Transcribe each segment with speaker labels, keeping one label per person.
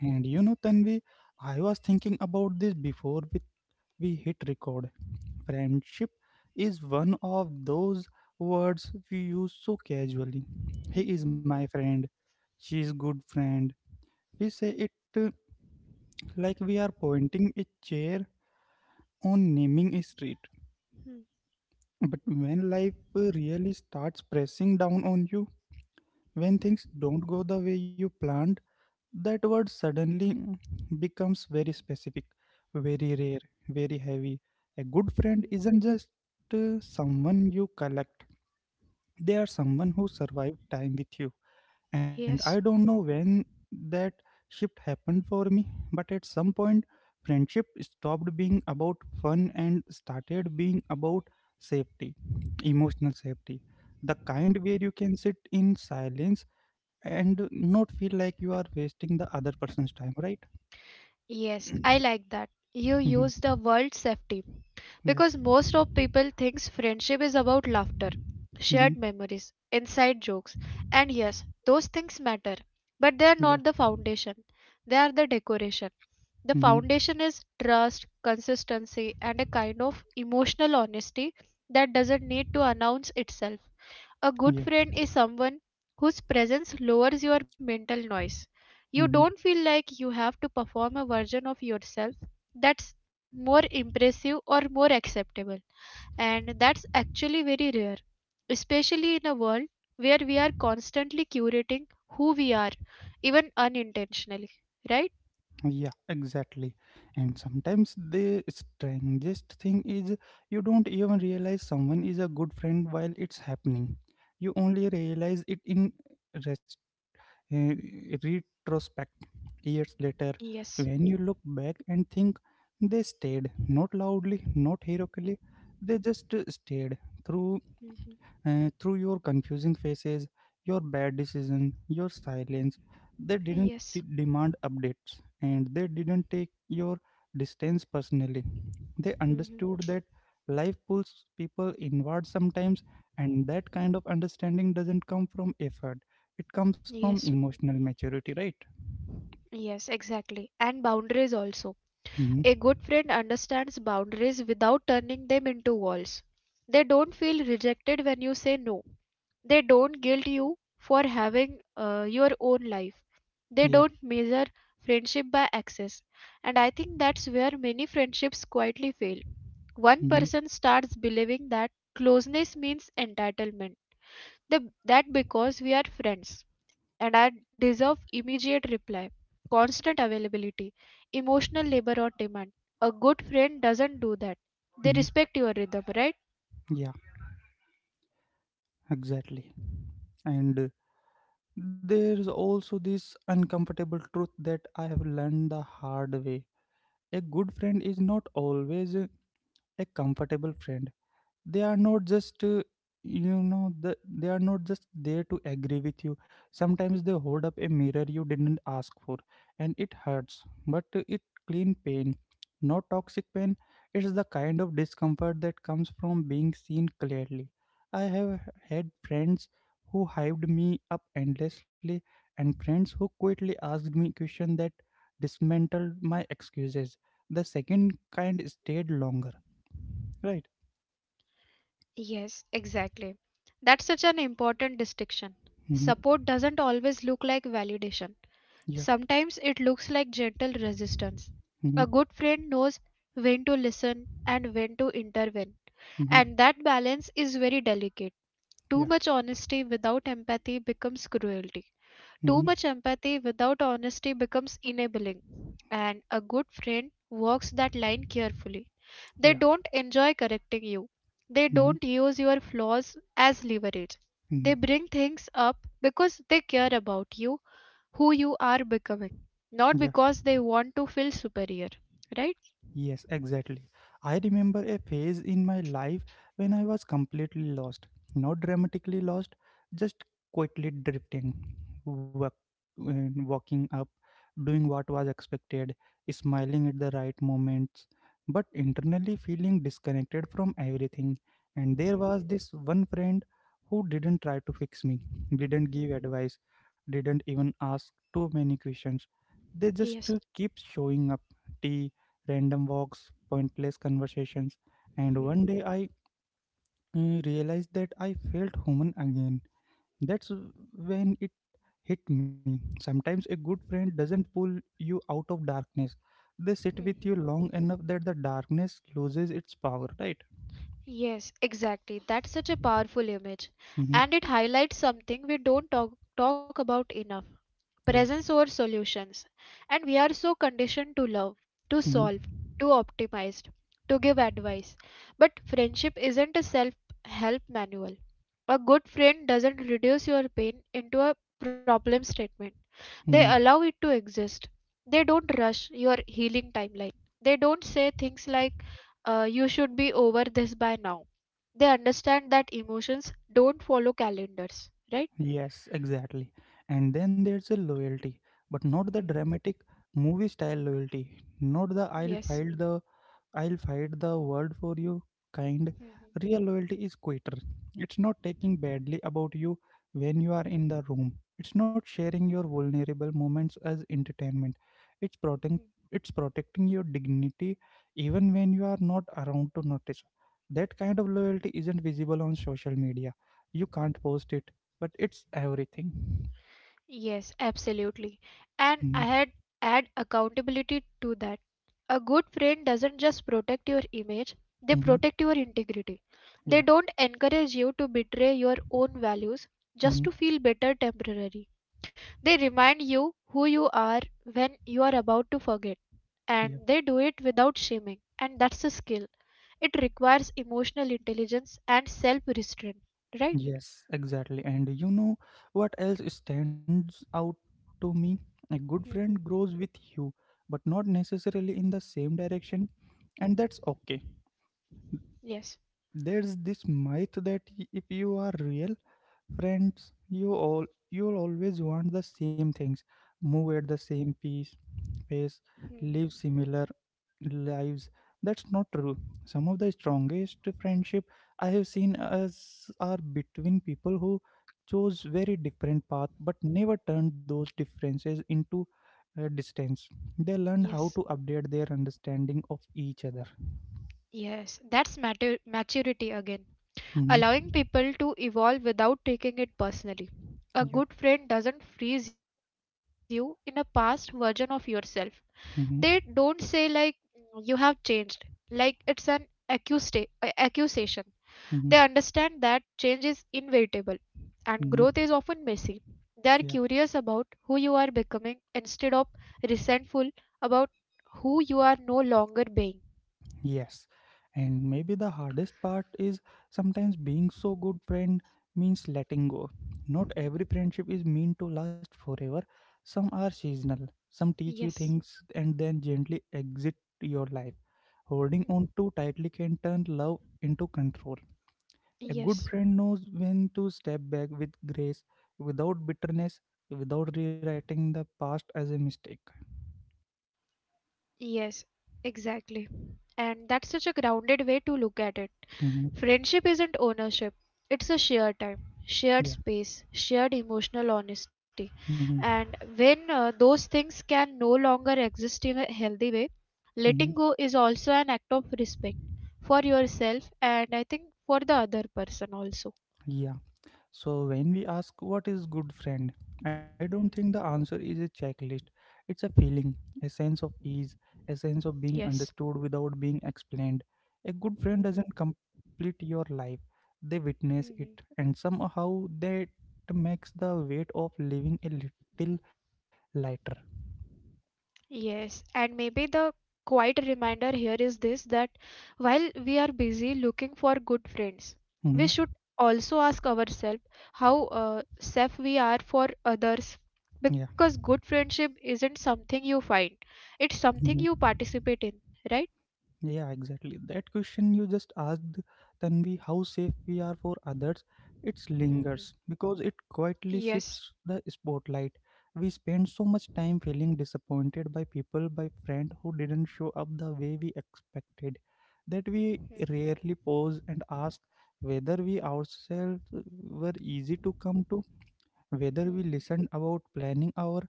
Speaker 1: And you know, Tanvi, I was thinking about this before we hit record. Friendship is one of those words we use so casually. He is
Speaker 2: Mhm,
Speaker 1: my friend. She is good friend. We say it uh, like we are pointing a chair on naming a street.
Speaker 2: mhm,
Speaker 1: But when life really starts pressing down on you, when things don't go the way you planned, that word suddenly becomes very specific, very rare, very heavy. A good friend
Speaker 2: mhm.
Speaker 1: isn't just uh, someone you collect, they are someone who survived time with you. And
Speaker 2: Yes,
Speaker 1: I don't know when that shift happened for me, but at some point, friendship stopped being about fun and started being about safety, emotional safety. The kind where you can sit in silence and not feel like you are wasting the other person's time, right?
Speaker 2: yes, I like that. You
Speaker 1: Mhm.
Speaker 2: use the word safety
Speaker 1: Yeah.
Speaker 2: because most of people thinks friendship is about laughter,
Speaker 1: Hmm.
Speaker 2: shared memories, inside jokes, and yes, those things matter, but they are
Speaker 1: Yeah.
Speaker 2: not the foundation. They are the decoration. The
Speaker 1: Hmm.
Speaker 2: foundation is trust, consistency, and a kind of emotional honesty that doesn't need to announce itself. A good
Speaker 1: Yeah.
Speaker 2: friend is someone whose presence lowers your mental noise. You
Speaker 1: Hmm.
Speaker 2: don't feel like you have to perform a version of yourself that's more impressive or more acceptable. And that's actually very rare, especially in a world where we are constantly curating who we are, even unintentionally, right?
Speaker 1: Yeah, exactly. And sometimes the strangest thing is you don't even realize someone is a good friend while it's happening. You only realize it in uh, retrospect, years later,
Speaker 2: Yes.
Speaker 1: when you look back and think they stayed, not loudly, not heroically, they just stayed through,
Speaker 2: Mhm.
Speaker 1: through your confusing faces, your bad decision, your silence. they didn't
Speaker 2: Yes.
Speaker 1: de- demand updates and they didn't take your distance personally. They
Speaker 2: Mhm.
Speaker 1: understood that life pulls people inward sometimes, and that kind of understanding doesn't come from effort, it comes from
Speaker 2: Yes.
Speaker 1: emotional maturity, right?
Speaker 2: Yes, exactly. And boundaries also.
Speaker 1: Hmm.
Speaker 2: A good friend understands boundaries without turning them into walls. They don't feel rejected when you say no. They don't guilt you for having your own life. They
Speaker 1: Yeah.
Speaker 2: don't measure friendship by access. And I think that's where many friendships quietly fail. One
Speaker 1: Hmm.
Speaker 2: person starts believing that closeness means entitlement, that because we are friends and I deserve immediate reply, constant availability, emotional labor on demand. A good friend doesn't do that. They
Speaker 1: Hmm.
Speaker 2: respect your rhythm, right?
Speaker 1: Yeah, exactly. And there's also this uncomfortable truth that I have learned the hard way. A good friend is not always a comfortable friend. They are not just you know the, they are not just there to agree with you. Sometimes they hold up a mirror you didn't ask for, and it hurts but it clean pain, not toxic pain. It's the kind of discomfort that comes from being seen clearly. I have had friends who hyped me up endlessly, and friends who quietly asked me questions that dismantled my excuses. The second kind stayed longer, right?
Speaker 2: Yes, exactly. That's such an important distinction.
Speaker 1: Hmm.
Speaker 2: Support doesn't always look like validation.
Speaker 1: Yeah.
Speaker 2: Sometimes it looks like gentle resistance. A
Speaker 1: Mhm.
Speaker 2: good friend knows when to listen and when to intervene, and
Speaker 1: Mhm.
Speaker 2: that balance is very delicate. Too
Speaker 1: Yeah.
Speaker 2: much honesty without empathy becomes cruelty.
Speaker 1: Mhm.
Speaker 2: Too much empathy without honesty becomes enabling. And a good friend walks that line carefully.
Speaker 1: Yeah.
Speaker 2: They don't enjoy correcting you, they
Speaker 1: Mhm.
Speaker 2: don't use your flaws as leverage. They
Speaker 1: Mhm.
Speaker 2: bring things up because they care about you, who you are becoming, not
Speaker 1: Yeah.
Speaker 2: because they want to feel superior. Right?
Speaker 1: Yes, exactly. I remember a phase in my life when I was completely lost. Not dramatically lost, just quietly drifting, walk, walking up, doing what was expected, smiling at the right moments, but internally feeling disconnected from everything. And there was
Speaker 2: Mhm.
Speaker 1: this one friend who didn't try to fix me, didn't give
Speaker 2: Mhm.
Speaker 1: advice, didn't even ask too many questions. they just
Speaker 2: Yes.
Speaker 1: uh, keep showing up. Tea, random walks, pointless conversations. And one
Speaker 2: Mhm.
Speaker 1: day I uh, realized that I felt human again. That's when it hit me. Sometimes a good friend doesn't pull you out of darkness, they sit with you
Speaker 2: Mhm.
Speaker 1: long enough that the darkness loses its power, right?
Speaker 2: Yes, exactly. That's such a powerful image.
Speaker 1: Mm-hmm.
Speaker 2: And it highlights something we don't talk about enough, presence
Speaker 1: Yeah.
Speaker 2: over solutions. And we are so conditioned to love, to solve,
Speaker 1: Mm-hmm.
Speaker 2: to optimize, to give advice. But friendship isn't a self help manual. A good friend doesn't reduce your pain into a problem statement, they
Speaker 1: Mm-hmm.
Speaker 2: allow it to exist. They don't rush your healing timeline. They don't say things like, you should be over this by now. They understand that emotions don't follow calendars, right?
Speaker 1: Yes, exactly. And then there's a loyalty, but not the
Speaker 2: Mhm.
Speaker 1: dramatic movie style loyalty, not the I'll
Speaker 2: Yes.
Speaker 1: fight the world for you kind.
Speaker 2: Mhm.
Speaker 1: Real loyalty is quieter. It's not taking badly about you when you are in the room. It's not sharing your vulnerable moments as entertainment. It's protecting it's protecting your dignity even when you are not around to notice. That kind of loyalty isn't visible on social media. You can't post it, but it's everything.
Speaker 2: Yes, absolutely. And
Speaker 1: Mm-hmm.
Speaker 2: I had add accountability to that. A good friend doesn't just protect your image, they
Speaker 1: Mm-hmm.
Speaker 2: protect your integrity. They
Speaker 1: Yeah.
Speaker 2: don't encourage you to betray your own values just to
Speaker 1: Hmm.
Speaker 2: feel better temporarily. They remind you who you are when you are about to forget. And they do it without shaming. And that's a skill. It requires emotional intelligence and self restraint, right?
Speaker 1: Yes, exactly. And you know what else stands out to me? A good friend
Speaker 2: Hmm.
Speaker 1: grows with you, but not necessarily in the same direction, and that's okay.
Speaker 2: Yes.
Speaker 1: There's this myth that y- if you are real friends, you all you'll always want the same things, move at the same pace,
Speaker 2: Hmm.
Speaker 1: live similar lives. That's not true. Some of the strongest friendship I have seen as are between people who chose very different path but never turned those differences into distance. They learned how
Speaker 2: Yes.
Speaker 1: to update their understanding of each other.
Speaker 2: Yes, that's maturity again.
Speaker 1: Mm-hmm.
Speaker 2: Allowing people to evolve without taking it personally. A
Speaker 1: Yeah.
Speaker 2: good friend doesn't freeze you in a past version of yourself. They don't say,
Speaker 1: Mm-hmm.
Speaker 2: like, "Mm, you have changed," like it's an accusation. They understand
Speaker 1: Mm-hmm.
Speaker 2: that change is inevitable and growth is
Speaker 1: Mm-hmm.
Speaker 2: often messy. They are curious
Speaker 1: Yeah.
Speaker 2: about who you are becoming instead of resentful about who you are no longer being.
Speaker 1: Yes, and maybe the hardest part is sometimes being so good friend means letting go. Not
Speaker 2: Mhm.
Speaker 1: every friendship is meant to last forever. Some are seasonal. Some teach you
Speaker 2: Yes.
Speaker 1: things and then gently exit your life. Holding on
Speaker 2: Hmm.
Speaker 1: too tightly can turn love into control. A good
Speaker 2: Yes,
Speaker 1: friend knows when to step back with grace, without bitterness, without rewriting the past as a mistake.
Speaker 2: yes, exactly. And that's such a grounded way to look at it.
Speaker 1: Mhm.
Speaker 2: Friendship isn't ownership, it's a shared time, shared
Speaker 1: Yeah.
Speaker 2: space, shared emotional honesty.
Speaker 1: Mm-hmm.
Speaker 2: And when those things can no longer exist in a healthy way,
Speaker 1: Mm-hmm.
Speaker 2: letting go is also an act of respect for yourself and I think for the other person also.
Speaker 1: Yeah. So, when we ask what is good friend, I don't think the
Speaker 2: Mhm.
Speaker 1: answer is a checklist. It's a feeling, a sense of ease, a sense of being
Speaker 2: Yes.
Speaker 1: understood without being explained. A good friend
Speaker 2: Mhm.
Speaker 1: doesn't complete your life, they witness it,
Speaker 2: Mhm.
Speaker 1: and somehow that makes the weight of living a little lighter.
Speaker 2: Yes, and maybe the quiet reminder here is this, that while we are busy looking for good friends, we
Speaker 1: Hmm.
Speaker 2: should also ask ourselves how safe we are for others,
Speaker 1: Yeah.
Speaker 2: because good friendship isn't something you find, it's something
Speaker 1: Mhm.
Speaker 2: you participate in, right?
Speaker 1: Yeah, exactly. That question you just asked, Tanvi, how safe we are for others, it lingers
Speaker 2: Mhm.
Speaker 1: because it quietly shifts
Speaker 2: Yes,
Speaker 1: the spotlight. We spend so much time feeling disappointed by people, by friends who didn't show up the way we expected, that we rarely pause and ask whether we ourselves were easy to come to, whether we listened about planning our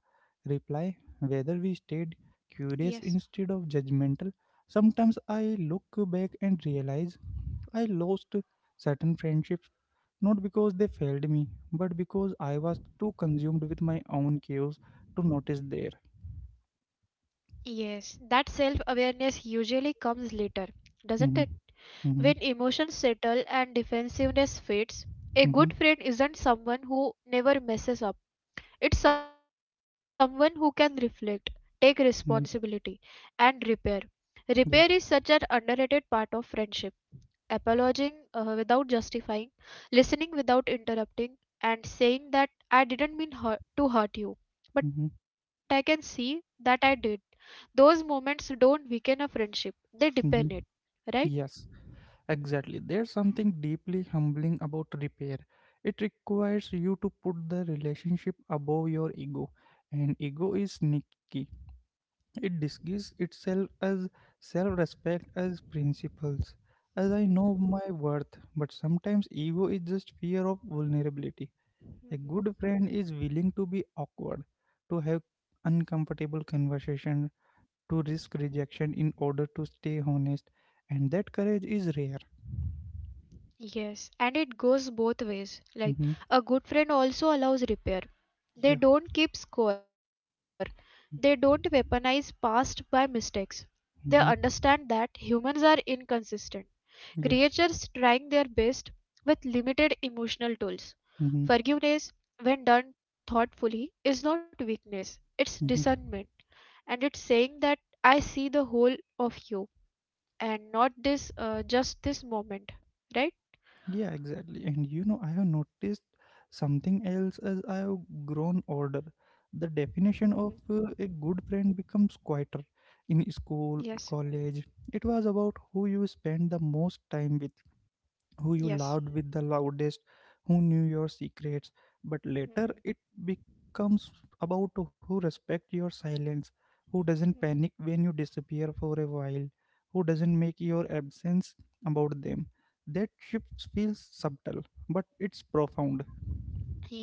Speaker 1: reply, whether we stayed
Speaker 2: yes,
Speaker 1: curious instead of judgmental. Sometimes I look back and realize I lost certain friendships not because they failed me, but because I was too consumed with my own chaos to notice there.
Speaker 2: yes. That self awareness usually comes later, doesn't it?
Speaker 1: Mm-hmm.
Speaker 2: When
Speaker 1: Mm-hmm.
Speaker 2: emotions settle and defensiveness fades, a good
Speaker 1: Mm-hmm.
Speaker 2: friend isn't someone who never messes up. It's someone who can reflect, take responsibility,
Speaker 1: Mm-hmm.
Speaker 2: and repair. Repair is such an
Speaker 1: Yeah.
Speaker 2: underrated part of friendship. Apologizing without justifying, listening without interrupting, and saying that I didn't to hurt you, but I can
Speaker 1: Mm-hmm.
Speaker 2: see that I did. Those moments don't weaken a friendship, they deepen it,
Speaker 1: Mm-hmm.
Speaker 2: right?
Speaker 1: Yes. Exactly. There's something deeply humbling about repair. It requires you to put the relationship above your ego, and ego is sneaky. It disguises itself as self respect, as principles, as I know my worth. But sometimes ego is just fear of vulnerability. A good friend is willing to be awkward, to have uncomfortable conversation, to risk rejection in order to stay honest, and that courage is rare.
Speaker 2: Yes, and it goes both ways. Like,
Speaker 1: Mm-hmm.
Speaker 2: a good friend also allows repair. They
Speaker 1: Yeah.
Speaker 2: don't keep score. They don't weaponize past by mistakes. They understand
Speaker 1: Mm-hmm.
Speaker 2: that humans are inconsistent,
Speaker 1: Yeah.
Speaker 2: creatures trying their best with limited emotional tools.
Speaker 1: Mm-hmm.
Speaker 2: Forgiveness, when done thoughtfully, is not weakness, it's
Speaker 1: Mm-hmm.
Speaker 2: discernment. And it's saying that I see the whole of you and not just this moment, right?
Speaker 1: Yeah, exactly. And you know, I have noticed something else as I have grown older. The definition of uh, a good friend becomes quieter. In school or
Speaker 2: Yes.
Speaker 1: college, it was about who you spend the most time with, who you loved
Speaker 2: Yes.
Speaker 1: with the loudest, who knew your secrets. But later it
Speaker 2: Mhm,
Speaker 1: becomes about who respect your silence, who doesn't panic
Speaker 2: mhm.
Speaker 1: when you disappear for a while, who doesn't make your absence about them. That shift feels subtle, but it's profound.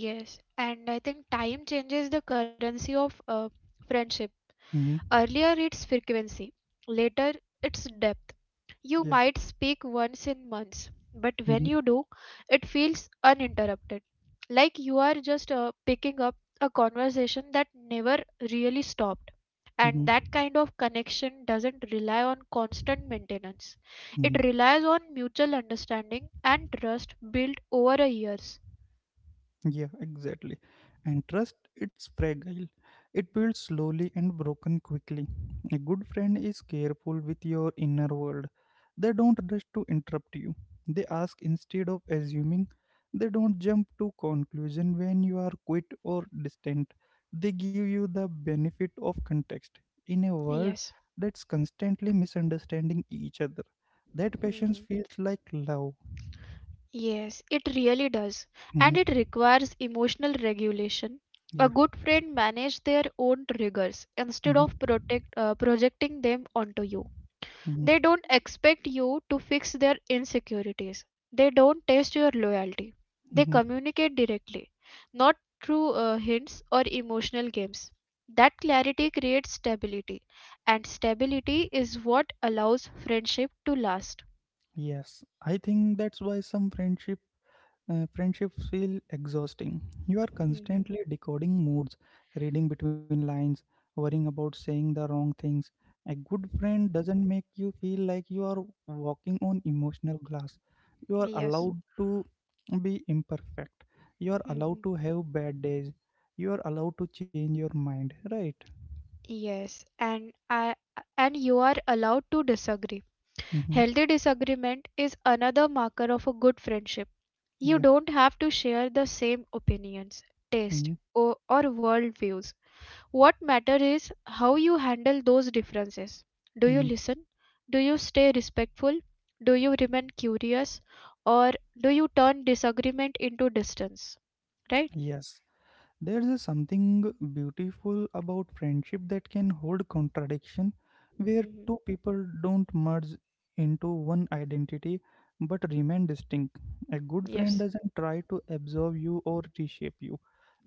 Speaker 2: Yes, and I think time changes the currency of friendship.
Speaker 1: Hmm.
Speaker 2: Earlier, it's frequency, later, it's depth. You
Speaker 1: Yeah.
Speaker 2: might speak once in months, but when you do, it feels uninterrupted, like you are just picking up a conversation that never really stops. And
Speaker 1: Hmm.
Speaker 2: that kind of connection doesn't rely on constant maintenance, it
Speaker 1: Hmm.
Speaker 2: relies on mutual understanding and trust built over a years.
Speaker 1: Yeah, exactly. And trust, it's fragile. It builds slowly and broken quickly. A good friend is careful with your inner world. They don't rush to interrupt you. They ask instead of assuming. They don't jump to conclusion when you are quiet or distant. They give you the benefit of context. In a world
Speaker 2: Yes.
Speaker 1: that's constantly misunderstanding each other, that patience
Speaker 2: Hmm.
Speaker 1: feels like love.
Speaker 2: Yes, it really does. And
Speaker 1: Mhm.
Speaker 2: it requires emotional regulation. A
Speaker 1: Yeah.
Speaker 2: good friend manages their own triggers instead
Speaker 1: Hmm.
Speaker 2: of projecting them onto you. They don't expect you to fix their insecurities. They don't test your loyalty. They
Speaker 1: Hmm.
Speaker 2: communicate directly, not through hints or emotional games. That clarity creates stability, and stability is what allows friendship to last.
Speaker 1: Yes, I think that's why some friendship friendships feel exhausting. You are
Speaker 2: Hmm.
Speaker 1: constantly decoding moods, reading between lines, worrying about saying the wrong things. A good friend doesn't make you feel like you are walking on emotional glass. You are
Speaker 2: Yes.
Speaker 1: allowed to be imperfect. You are allowed
Speaker 2: Hmm.
Speaker 1: to have bad days. You are allowed to change your mind, right?
Speaker 2: Yes, and you are allowed to disagree.
Speaker 1: Mm-hmm.
Speaker 2: Healthy disagreement is another marker of a good friendship. You
Speaker 1: Yeah.
Speaker 2: don't have to share the same opinions,
Speaker 1: Mm-hmm.
Speaker 2: taste, or worldviews. What matters is how you handle those differences. Do you
Speaker 1: Mm-hmm.
Speaker 2: listen? Do you stay respectful? Do you remain curious? Or do you turn disagreement into distance? Right?
Speaker 1: Yes. There's a something beautiful about friendship that can hold contradiction, where
Speaker 2: Hmm.
Speaker 1: two people don't merge into one identity but remain distinct. A good friend
Speaker 2: Yes.
Speaker 1: doesn't try to absorb you or reshape you,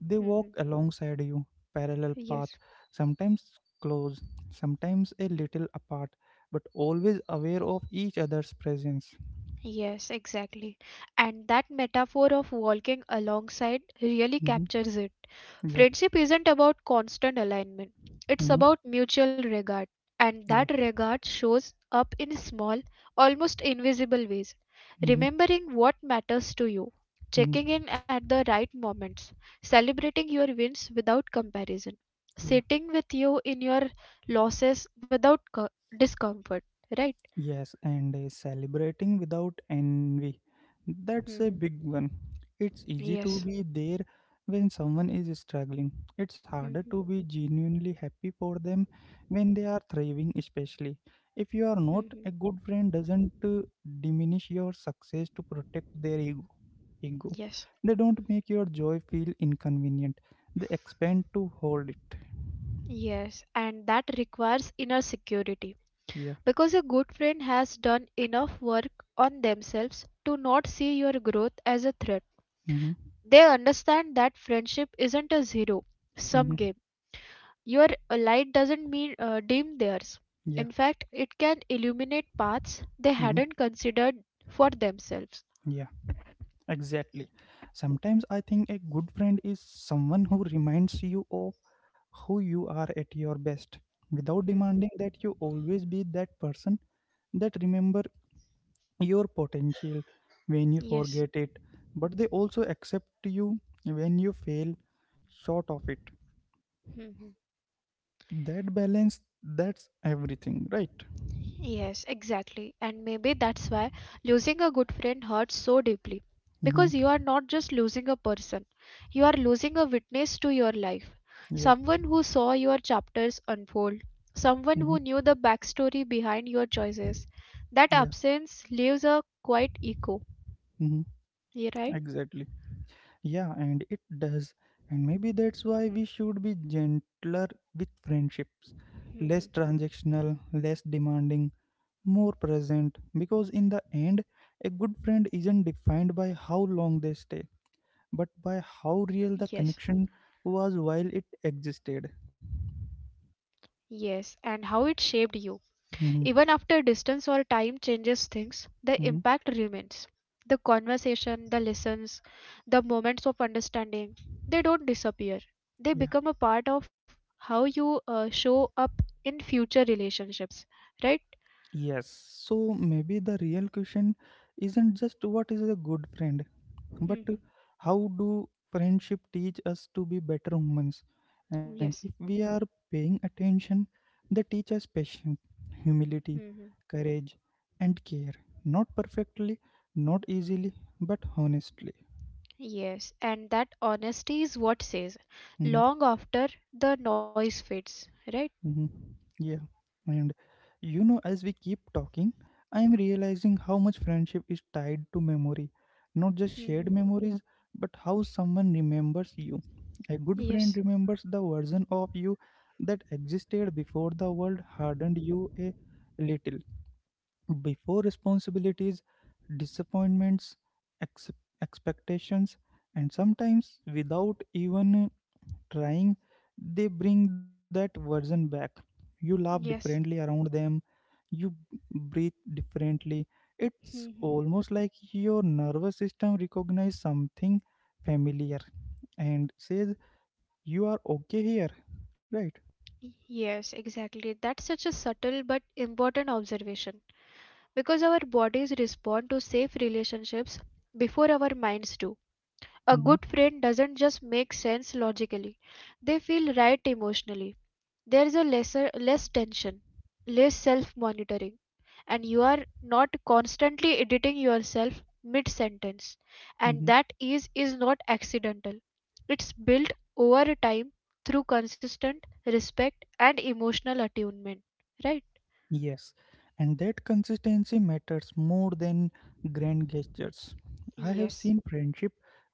Speaker 1: they
Speaker 2: Hmm.
Speaker 1: walk alongside you, parallel path,
Speaker 2: Yes.
Speaker 1: sometimes close, sometimes a little apart, but always aware of each other's presence.
Speaker 2: Yes, exactly. And that metaphor of walking alongside really
Speaker 1: Hmm.
Speaker 2: captures it.
Speaker 1: Yeah.
Speaker 2: Friendship isn't about constant alignment, it's
Speaker 1: Hmm.
Speaker 2: about mutual regard. And that
Speaker 1: Yeah.
Speaker 2: regard shows up in small, almost invisible ways.
Speaker 1: Hmm.
Speaker 2: Remembering what matters to you,
Speaker 1: Hmm.
Speaker 2: checking in at the right moments, celebrating your wins without comparison,
Speaker 1: Yeah.
Speaker 2: sitting with you in your losses without discomfort, right?
Speaker 1: Yes, and celebrating without envy. That's a
Speaker 2: Hmm.
Speaker 1: big one. It's easy to
Speaker 2: Yes.
Speaker 1: be there when someone is struggling. It's harder
Speaker 2: Hmm.
Speaker 1: to be genuinely happy for them when they are thriving, especially. If you are not,
Speaker 2: Mhm.
Speaker 1: a good friend doesn't diminish your success to protect their ego.
Speaker 2: Yes,
Speaker 1: They don't make your joy feel inconvenient. They expand to hold it.
Speaker 2: yes, and that requires inner security
Speaker 1: Yeah.
Speaker 2: because a good friend has done enough work on themselves to not see your growth as a threat.
Speaker 1: Mm-hmm.
Speaker 2: They understand that friendship isn't a zero sum
Speaker 1: Mm-hmm.
Speaker 2: game. Your light doesn't mean dim theirs.
Speaker 1: Yeah.
Speaker 2: In fact, it can illuminate paths they
Speaker 1: Mm-hmm.
Speaker 2: hadn't considered for themselves.
Speaker 1: Yeah. Exactly. Sometimes I think a good friend is someone who reminds you of who you are at your best without demanding
Speaker 2: Mhm.
Speaker 1: that you always be that person, that remember your potential when you forget
Speaker 2: Yes.
Speaker 1: it, but they also accept you when you fail short of it.
Speaker 2: Mhm.
Speaker 1: That balance, that's everything, right?
Speaker 2: Yes, exactly. And maybe that's why losing a good friend hurts so deeply. Because you are
Speaker 1: Mm-hmm.
Speaker 2: not just losing a person, you are losing a witness to your life.
Speaker 1: Yeah.
Speaker 2: Someone who saw your chapters unfold, someone who
Speaker 1: Mm-hmm.
Speaker 2: knew the backstory behind your choices. That
Speaker 1: Yeah.
Speaker 2: absence leaves a quiet echo.
Speaker 1: Mm-hmm.
Speaker 2: You right?
Speaker 1: Exactly. Yeah, and it does. And maybe that's why we should be gentler with friendships, less
Speaker 2: Mhm.
Speaker 1: transactional, less demanding, more present. Because in the end, a good friend isn't defined by how long they stay, but
Speaker 2: Yes.
Speaker 1: by how real the connection was while it existed.
Speaker 2: Yes, and how it shaped you. Even after
Speaker 1: Mm-hmm.
Speaker 2: distance or time changes things, the impact
Speaker 1: Mm-hmm.
Speaker 2: remains. The conversation, the lessons, the moments of understanding, they don't disappear. They
Speaker 1: Yeah.
Speaker 2: become a part of how you show up in future relationships, right?
Speaker 1: Yes, so maybe the real question isn't just what is a good friend, but
Speaker 2: Mhm.
Speaker 1: how do friendship teach us to be better humans? And if
Speaker 2: Yes.
Speaker 1: we are paying attention, they teach us patience, humility,
Speaker 2: Mhm.
Speaker 1: courage, and care. Not perfectly, not easily, but honestly.
Speaker 2: Yes, and that honesty is what says
Speaker 1: Mm-hmm.
Speaker 2: long after the noise fades, right?
Speaker 1: hmm Yeah, and as we keep talking, I am realizing how much friendship is tied to memory. Not just
Speaker 2: Mhm.
Speaker 1: shared memories, but how someone remembers you. A good friend
Speaker 2: Yes,
Speaker 1: remembers the version of you that existed before the world hardened you a little before responsibilities, disappointments, ex- expectations, and sometimes without even trying, they bring that version back. You laugh differently
Speaker 2: yes.
Speaker 1: around them, you breathe differently. It's
Speaker 2: Mhm.
Speaker 1: almost like your nervous system recognizes something familiar and says, you are okay here, right?
Speaker 2: Yes, exactly. That's such a subtle but important observation, because our bodies respond to safe relationships before our minds do. A
Speaker 1: Mm-hmm.
Speaker 2: good friend doesn't just make sense logically, they feel right emotionally. There is a less tension, less self-monitoring, and you are not constantly editing yourself mid-sentence.
Speaker 1: Mm-hmm.
Speaker 2: And that ease is not accidental. It's built over time through consistent respect and emotional attunement, right?
Speaker 1: Yes, and that consistency matters more than grand gestures. I have
Speaker 2: Yes.
Speaker 1: seen friendship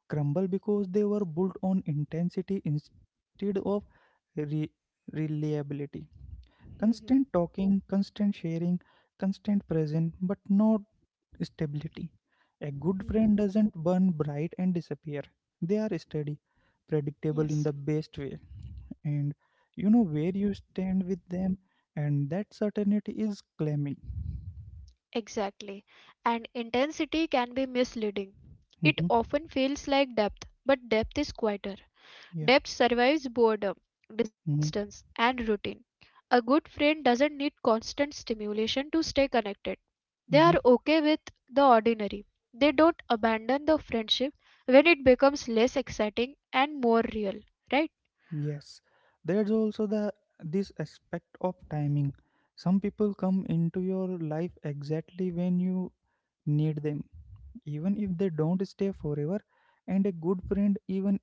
Speaker 1: crumble because they were built on intensity instead of re- reliability.
Speaker 2: Mhm.
Speaker 1: Constant talking, constant sharing, constant presence, but no stability. A good friend
Speaker 2: Mhm.
Speaker 1: doesn't burn bright and disappear. They are steady, predictable in
Speaker 2: Yes,
Speaker 1: the best way. And you know where you stand with them, and that certainty is claiming.
Speaker 2: exactly. And intensity can be misleading. It
Speaker 1: hmm
Speaker 2: often feels like depth, but depth is quieter.
Speaker 1: Yeah.
Speaker 2: Depth survives boredom, distance,
Speaker 1: hmm
Speaker 2: and routine. A good friend doesn't need constant stimulation to stay connected. They are
Speaker 1: hmm
Speaker 2: okay with the ordinary. They don't abandon the friendship when it becomes less exciting and more real, right?
Speaker 1: Yes. There's also the this aspect of timing. Some people come into your life exactly when you need them even if they don't stay forever, and a good friend, even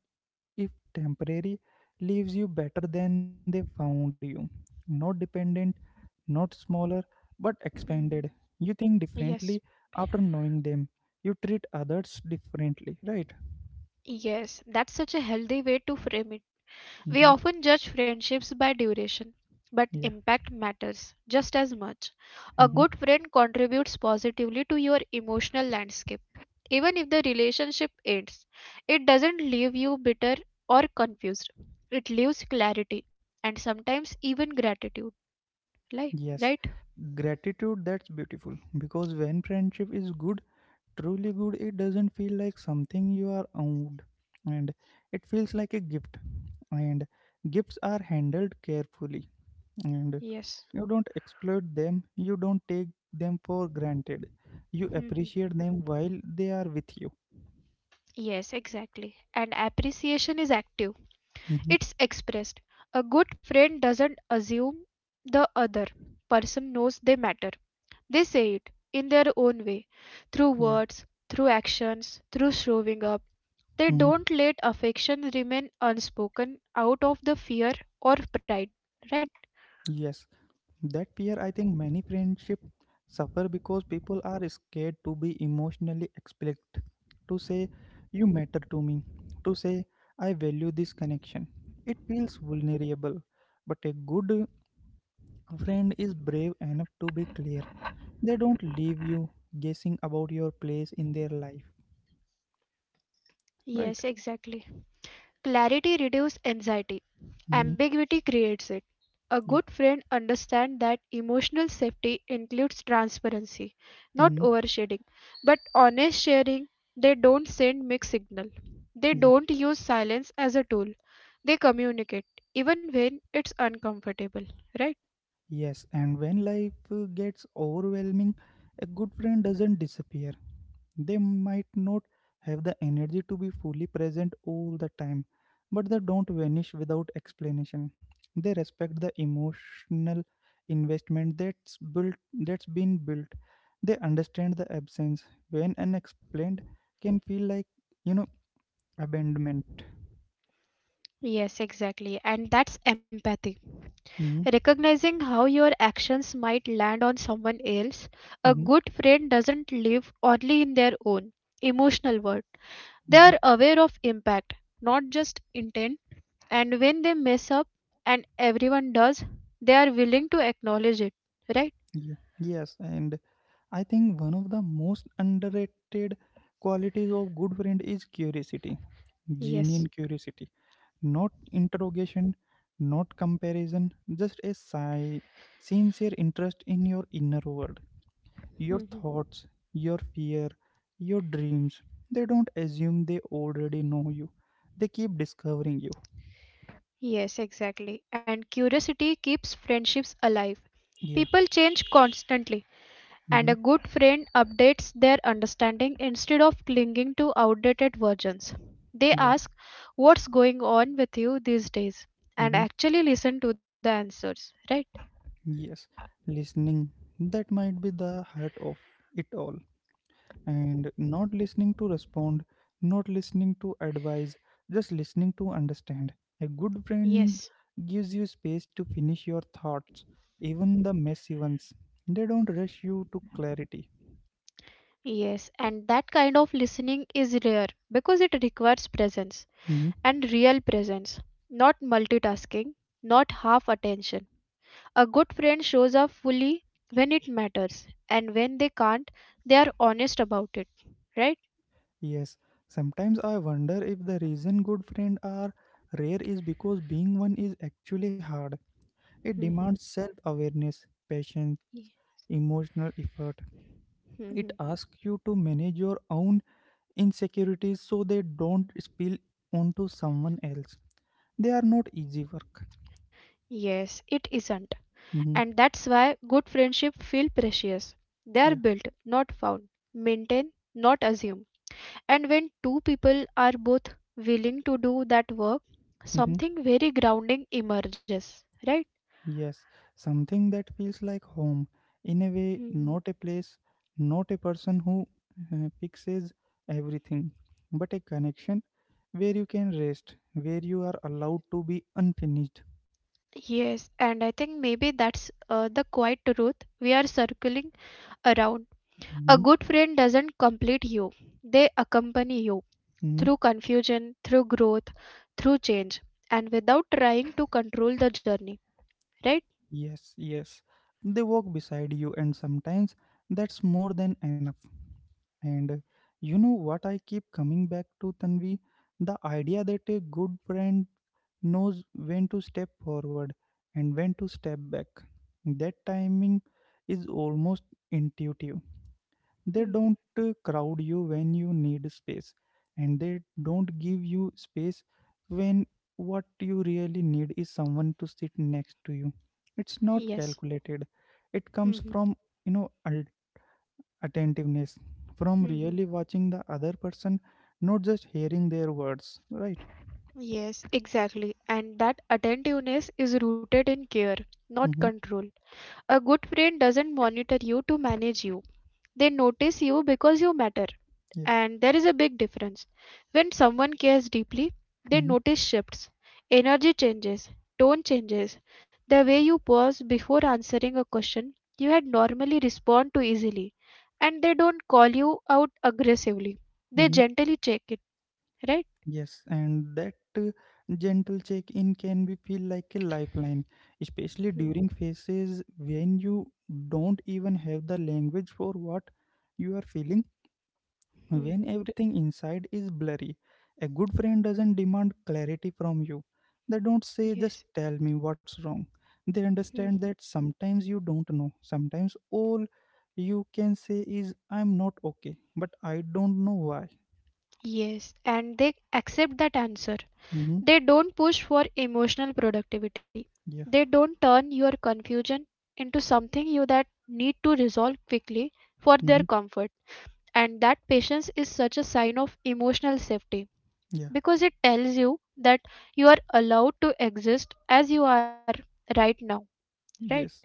Speaker 1: if temporary, leaves you better than they found you, not dependent, not smaller, but expanded.
Speaker 2: Mhm.
Speaker 1: You think
Speaker 2: Yes.
Speaker 1: differently after knowing them, you treat others differently, right?
Speaker 2: Yes, that's such a healthy way to frame it. We
Speaker 1: Mm-hmm.
Speaker 2: often judge friendships by duration, but
Speaker 1: Yeah.
Speaker 2: impact matters just as much. A good
Speaker 1: Mm-hmm.
Speaker 2: friend contributes positively to your emotional landscape. Even if the relationship ends, it doesn't leave you bitter or confused. It leaves clarity and sometimes even gratitude. Like,
Speaker 1: Yes,
Speaker 2: right?
Speaker 1: gratitude, that's beautiful because when friendship is good, truly good, it doesn't feel like something you are owed, and it feels like a gift, and gifts are handled carefully, and
Speaker 2: Yes.
Speaker 1: you don't exploit them, you don't take them for granted, you
Speaker 2: Mhm.
Speaker 1: appreciate them while they are with you.
Speaker 2: Yes, exactly. And appreciation is active,
Speaker 1: Mhm.
Speaker 2: it's expressed. A good friend doesn't assume the other person knows they matter. They say it, in their own way, through
Speaker 1: Yeah.
Speaker 2: words, through actions, through showing up. They
Speaker 1: Mhm.
Speaker 2: don't let affection remain unspoken out of the fear or pride, right?
Speaker 1: Yes. That fear, I think many friendship suffer because people are scared to be emotionally explicit, to say, you matter to me, to say, I value this connection. It feels vulnerable, but a good friend is brave enough to be clear. They don't leave you guessing about your place in their life,
Speaker 2: Yes,
Speaker 1: right?
Speaker 2: exactly. Clarity reduces anxiety.
Speaker 1: hmm
Speaker 2: Ambiguity creates it. A
Speaker 1: Yeah.
Speaker 2: good friend understands that emotional safety includes transparency, not
Speaker 1: hmm
Speaker 2: overshading, but honest sharing. They don't send mixed signal. They
Speaker 1: Yeah.
Speaker 2: don't use silence as a tool. They communicate even when it's uncomfortable, right?
Speaker 1: Yes, and when life gets overwhelming, a good friend doesn't disappear. They might not have the energy to be fully present all the time, but they don't vanish without explanation. They respect the emotional investment that's been built. They understand the absence when unexplained can feel like, you know abandonment.
Speaker 2: Yes, exactly. And that's empathy.
Speaker 1: hmm
Speaker 2: Recognizing how your actions might land on someone else, a
Speaker 1: hmm
Speaker 2: good friend doesn't live only in their own emotional world. They
Speaker 1: hmm
Speaker 2: are aware of impact, not just intent, and when they mess up, and everyone does, they are willing to acknowledge it, right?
Speaker 1: Yeah. Yes, and I think one of the most underrated qualities of good friend is curiosity, genuine
Speaker 2: Yes.
Speaker 1: curiosity. Not interrogation, not comparison, just a sigh, sincere interest in your inner world, your
Speaker 2: Hmm.
Speaker 1: thoughts, your fear, your dreams. They don't assume they already know you. They keep discovering you.
Speaker 2: Yes, exactly. And curiosity keeps friendships alive.
Speaker 1: Yeah.
Speaker 2: People change constantly and
Speaker 1: Mm-hmm.
Speaker 2: a good friend updates their understanding instead of clinging to outdated versions. They
Speaker 1: Yeah.
Speaker 2: ask what's going on with you these days and
Speaker 1: Mm-hmm.
Speaker 2: actually listen to the answers, right?
Speaker 1: Yes. Listening. That might be the heart of it all. And not listening to respond, not listening to advise, just listening to understand. A good friend
Speaker 2: Yes.
Speaker 1: gives you space to finish your thoughts, even the messy ones. They don't rush you to clarity.
Speaker 2: Yes, and that kind of listening is rare because it requires presence
Speaker 1: Mhm.
Speaker 2: and real presence, not multitasking, not half attention. A good friend shows up fully when it matters, and when they can't, they are honest about it, right?
Speaker 1: Yes, sometimes I wonder if the reason good friends are rare is because being one is actually hard. It demands
Speaker 2: Mhm.
Speaker 1: self awareness, patience, emotional effort. It
Speaker 2: Mhm.
Speaker 1: asks you to manage your own insecurities so they don't spill onto someone else. They are not easy work.
Speaker 2: Yes, it isn't.
Speaker 1: hmm
Speaker 2: And that's why good friendship feel precious. They are
Speaker 1: Yeah.
Speaker 2: built, not found. Maintain, not assume. And when two people are both willing to do that work,
Speaker 1: hmm
Speaker 2: something very grounding emerges, right?
Speaker 1: Yes. Something that feels like home. In a way,
Speaker 2: Mhm.
Speaker 1: not a place, not a person who fixes everything, but a connection where you can rest, where you are allowed to be unfinished.
Speaker 2: Yes, and I think maybe that's the quiet truth we are circling around. A
Speaker 1: Mhm.
Speaker 2: good friend doesn't complete you, they accompany you, through confusion, through growth, through change, and without trying to control the journey, right?
Speaker 1: Yes, yes. They walk beside you, and sometimes that's more than enough. And you know what I keep coming back to, Tanvi? The idea that a good friend knows when to step forward and when to step back. That timing is almost intuitive, they
Speaker 2: Mhm.
Speaker 1: don't crowd you when you need space, and they don't give you space when what you really need is someone to sit next to you. It's not
Speaker 2: Yes.
Speaker 1: calculated, it comes
Speaker 2: Mhm.
Speaker 1: from, you know al- attentiveness, from
Speaker 2: Mhm.
Speaker 1: really watching the other person, not just hearing their words, right?
Speaker 2: Yes, exactly. And that attentiveness is rooted in care, not
Speaker 1: Mm-hmm.
Speaker 2: control. A good friend doesn't monitor you to manage you. They notice you because you matter.
Speaker 1: Yeah.
Speaker 2: And there is a big difference. When someone cares deeply, they
Speaker 1: Mm-hmm.
Speaker 2: notice shifts, energy changes, tone changes, the way you pause before answering a question you had normally respond to easily. And they don't call you out aggressively. They
Speaker 1: Mm-hmm.
Speaker 2: gently check it, right?
Speaker 1: Yes, and that gentle check in can be feel like a lifeline, especially
Speaker 2: Hmm,
Speaker 1: during phases when you don't even have the language for what you are feeling,
Speaker 2: hmm, hmm.
Speaker 1: when everything inside is blurry. A good friend doesn't demand clarity from you. They don't say, just
Speaker 2: Yes.
Speaker 1: tell me what's wrong. They
Speaker 2: Hmm,
Speaker 1: understand
Speaker 2: hmm.
Speaker 1: that sometimes you don't know. Sometimes all you can say is, I'm not okay, but I don't know why.
Speaker 2: Yes, and they accept that answer.
Speaker 1: hmm
Speaker 2: They don't push for emotional productivity.
Speaker 1: Yeah.
Speaker 2: They don't turn your confusion into something you that need to resolve quickly for their
Speaker 1: hmm
Speaker 2: comfort. And that patience is such a sign of emotional safety
Speaker 1: Yeah.
Speaker 2: because it tells you that you are allowed to exist as you are right now, right?
Speaker 1: Yes.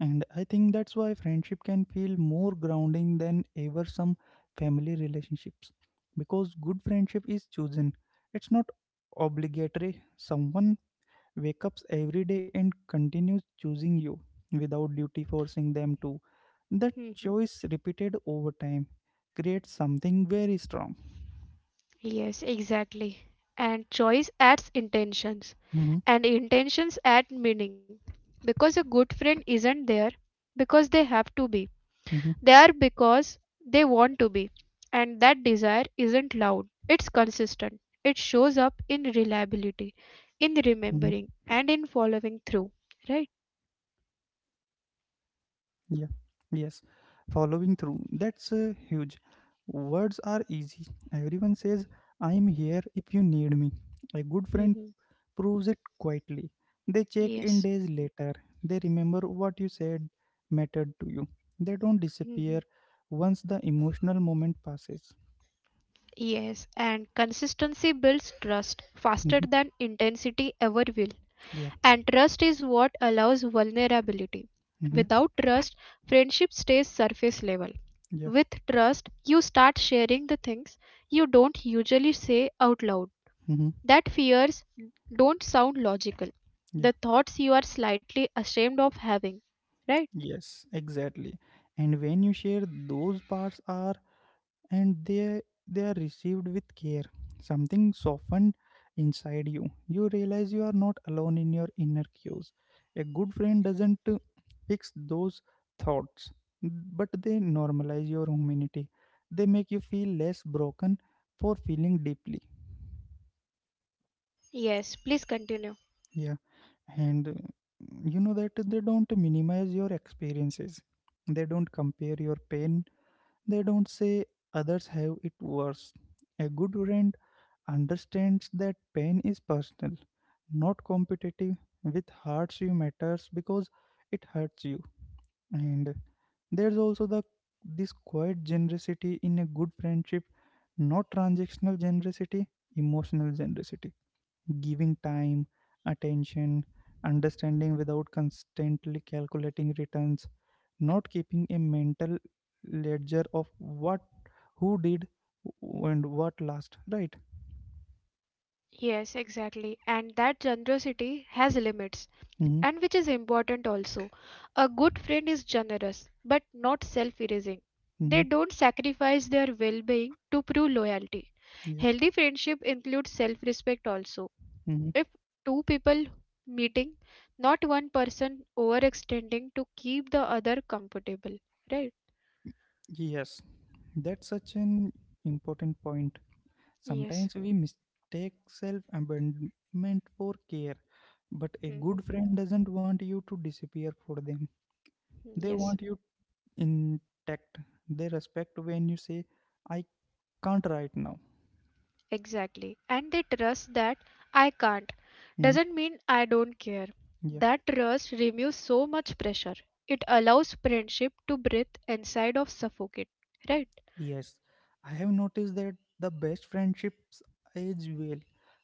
Speaker 1: And I think that's why friendship can feel more grounding than ever some family relationships. Because good friendship is chosen. It's not obligatory. Someone wakes up every day and continues choosing you without duty forcing them to. That
Speaker 2: Mhm.
Speaker 1: choice repeated over time creates something very strong.
Speaker 2: Yes, exactly. And choice adds intentions,
Speaker 1: Mm-hmm,
Speaker 2: and intentions add meaning because a good friend isn't there because they have to be.
Speaker 1: mm-hmm,
Speaker 2: They are because they want to be. And that desire isn't loud, it's consistent. It shows up in
Speaker 1: mm-hmm.
Speaker 2: reliability, in remembering, and in following through. Right?
Speaker 1: Yeah. Yes, following through. That's huge. Words are easy. Everyone says, I'm here if you need me. A good friend
Speaker 2: Hmm.
Speaker 1: proves it quietly. They check in
Speaker 2: Yes.
Speaker 1: days later. They remember what you said mattered to you. They don't
Speaker 2: Hmm.
Speaker 1: disappear once the emotional moment passes.
Speaker 2: Yes. And consistency builds trust faster
Speaker 1: Mhm.
Speaker 2: than intensity ever will.
Speaker 1: Yeah.
Speaker 2: And trust is what allows vulnerability.
Speaker 1: hmm
Speaker 2: Without trust, friendship stays surface level.
Speaker 1: Yeah.
Speaker 2: With trust, you start sharing the things you don't usually say out loud,
Speaker 1: hmm
Speaker 2: that fears don't sound logical.
Speaker 1: Yeah.
Speaker 2: The thoughts you are slightly ashamed of having, right?
Speaker 1: Yes, exactly. And when you share, those parts are, and they are received with care, something softened inside you, you realize you are not alone in your inner cues. A good friend doesn't fix those thoughts, but they normalize your humanity, they make you feel less broken for feeling deeply.
Speaker 2: Yes, please continue.
Speaker 1: Yeah, and you know that they don't minimize your experiences, they don't compare your pain, they don't say others have it worse. A good friend understands that pain is personal, not competitive. With hurts you matters because it hurts you. And there's also the this quiet generosity in a good friendship, not transactional generosity, emotional generosity. Giving time, attention, understanding without constantly calculating returns, not keeping a mental ledger of what who did and what last, right?
Speaker 2: Yes, exactly. And that generosity has limits,
Speaker 1: Mm-hmm.
Speaker 2: and which is important also. A good friend is generous, but not self erasing. They
Speaker 1: Mm-hmm.
Speaker 2: don't sacrifice their well being to prove loyalty. Healthy friendship includes self respect also.
Speaker 1: Mhm.
Speaker 2: If two people meeting, not one person overextending to keep the other comfortable, right?
Speaker 1: Yes, that's such an important point.
Speaker 2: Yes.
Speaker 1: Sometimes we mistake self abandonment for care, but a
Speaker 2: Mhm.
Speaker 1: good friend doesn't want you to disappear for them. They
Speaker 2: Yes,
Speaker 1: want you intact. They respect when you say, I can't right now.
Speaker 2: exactly. And they trust that I can't
Speaker 1: Mhm.
Speaker 2: doesn't mean I don't care.
Speaker 1: Yeah.
Speaker 2: That trust removes so much pressure. It allows friendship to breathe inside of suffocate, right?
Speaker 1: Yes, I have noticed that the best friendships age well.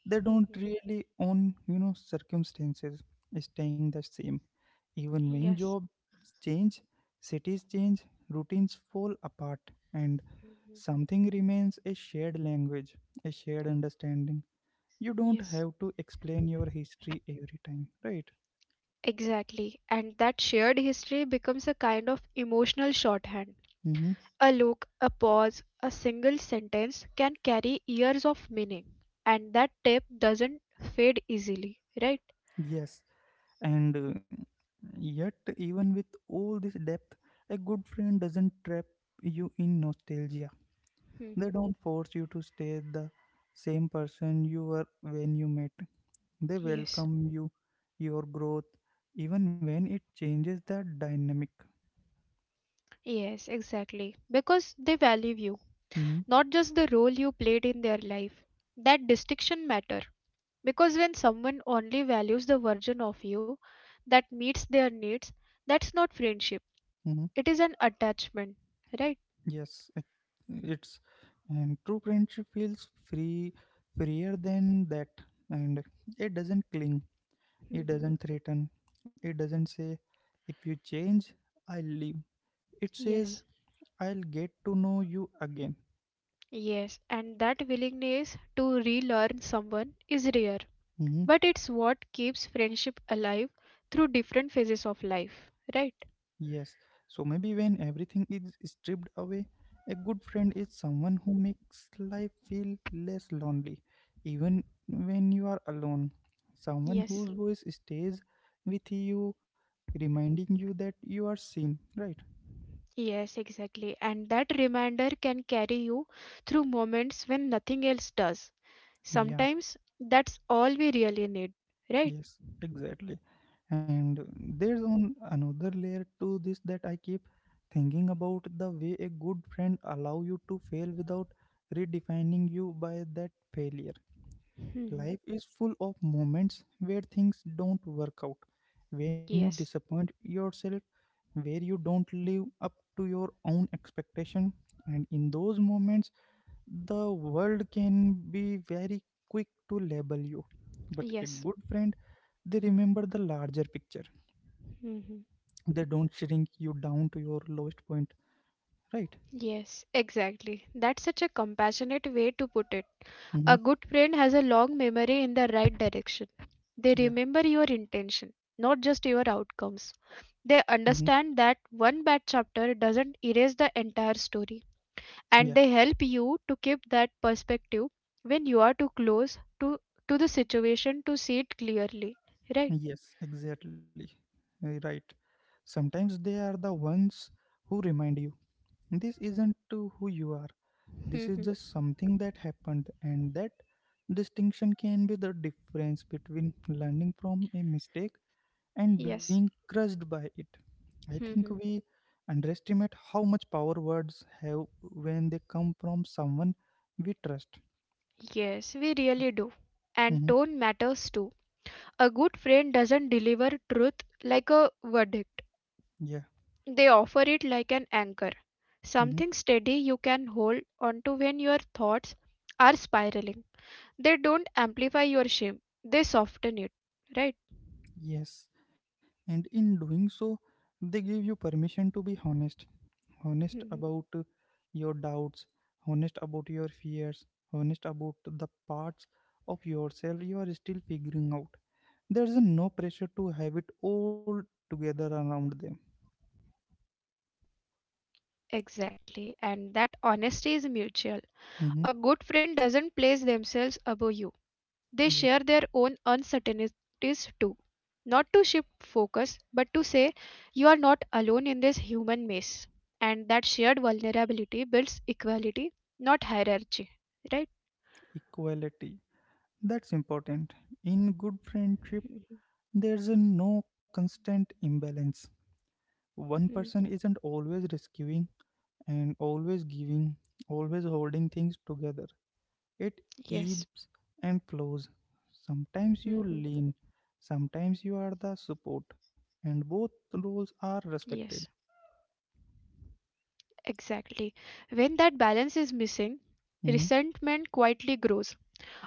Speaker 1: They don't
Speaker 2: Mhm.
Speaker 1: really own, you know, circumstances staying the same. Even when
Speaker 2: Yes.
Speaker 1: jobs change, cities change, routines fall apart, and
Speaker 2: Mhm.
Speaker 1: something remains a shared language, a shared understanding. You don't
Speaker 2: Yes,
Speaker 1: have to explain your history every time, right?
Speaker 2: exactly. And that shared history becomes a kind of emotional shorthand.
Speaker 1: Mm-hmm.
Speaker 2: A look, a pause, a single sentence can carry years of meaning, and that tape doesn't fade easily, right?
Speaker 1: Yes, and yet, even with all this depth, a good friend doesn't trap you in nostalgia. They
Speaker 2: Mhm.
Speaker 1: don't force you to stay the same person you were when you met. They
Speaker 2: Yes.
Speaker 1: welcome you, your growth, even when it changes the dynamic.
Speaker 2: Yes, exactly. Because they value you,
Speaker 1: hmm
Speaker 2: not just the role you played in their life. That distinction matter. Because when someone only values the version of you that meets their needs, that's not friendship.
Speaker 1: hmm
Speaker 2: It is an attachment, right?
Speaker 1: Yes, it's, and true friendship feels free, freer than that, and it doesn't cling. It
Speaker 2: Mhm.
Speaker 1: doesn't threaten. It doesn't say, if you change, I'll leave. It says,
Speaker 2: Yes.
Speaker 1: I'll get to know you again.
Speaker 2: Yes, and that willingness to relearn someone is rare,
Speaker 1: Mhm.
Speaker 2: but it's what keeps friendship alive through different phases of life, right?
Speaker 1: Yes. So maybe when everything is stripped away, a good friend is someone who makes life feel less lonely, even when you are alone. Someone
Speaker 2: Yes,
Speaker 1: whose voice stays with you, reminding you that you are seen, right?
Speaker 2: yes, exactly. And that reminder can carry you through moments when nothing else does.
Speaker 1: Yeah.
Speaker 2: Sometimes that's all we really need, right?
Speaker 1: Yes, exactly. And there's on another layer to this that I keep thinking about the way a good friend allow you to fail without redefining you by that failure.
Speaker 2: Mhm.
Speaker 1: Life is full of moments where things don't work out, when you
Speaker 2: Yes,
Speaker 1: disappoint yourself, where you don't live up to your own expectation, and in those moments the world can be very quick to label you. But a
Speaker 2: yes.
Speaker 1: good friend, they remember the larger picture. They
Speaker 2: Mhm.
Speaker 1: don't shrink you down to your lowest point, right?
Speaker 2: Yes, exactly. That's such a compassionate way to put it.
Speaker 1: Mm-hmm.
Speaker 2: A good friend has a long memory in the right direction. They
Speaker 1: Yeah.
Speaker 2: remember your intention, not just your outcomes. They
Speaker 1: Mm-hmm.
Speaker 2: understand that one bad chapter doesn't erase the entire story,
Speaker 1: Yeah.
Speaker 2: and they help you to keep that perspective when you are too close to the situation to see it clearly. Right?
Speaker 1: Yes, exactly. Right. Sometimes they are the ones who remind you this isn't to who you are. This is
Speaker 2: Hmm.
Speaker 1: just something that happened, and that distinction can be the difference between learning from a mistake and being
Speaker 2: Yes.
Speaker 1: crushed by it. I think
Speaker 2: Hmm.
Speaker 1: we underestimate how much power words have when they come from someone we trust.
Speaker 2: Yes, we really do. And
Speaker 1: Mhm.
Speaker 2: tone matters too. A good friend doesn't deliver truth like a verdict.
Speaker 1: Yeah.
Speaker 2: They offer it like an anchor,
Speaker 1: Mhm.
Speaker 2: something steady you can hold onto when your thoughts are spiraling. They don't amplify your shame, they soften it, right?
Speaker 1: Yes. And in doing so, they give you permission to be honest. Honest about
Speaker 2: Mhm.
Speaker 1: your doubts, honest about your fears, honest about the parts of yourself you are still figuring out. There's no pressure to have it all together around them.
Speaker 2: Exactly. And that honesty is mutual. A
Speaker 1: Mhm.
Speaker 2: good friend doesn't place themselves above you, they
Speaker 1: Yeah.
Speaker 2: share their own uncertainties too, not to shift focus, but to say, you are not alone in this human maze. And that shared vulnerability builds equality, not hierarchy. Right?
Speaker 1: Equality. That's important. In good friendship,
Speaker 2: Mhm.
Speaker 1: there's a no constant imbalance. One person isn't
Speaker 2: Mhm.
Speaker 1: always rescuing and always giving, always holding things together. It ebbs and
Speaker 2: Yes.
Speaker 1: flows. Sometimes you lean,
Speaker 2: Mhm.
Speaker 1: sometimes you are the support, and both roles are
Speaker 2: Yes.
Speaker 1: respected.
Speaker 2: Exactly. When that balance is missing,
Speaker 1: hmm
Speaker 2: resentment quietly grows.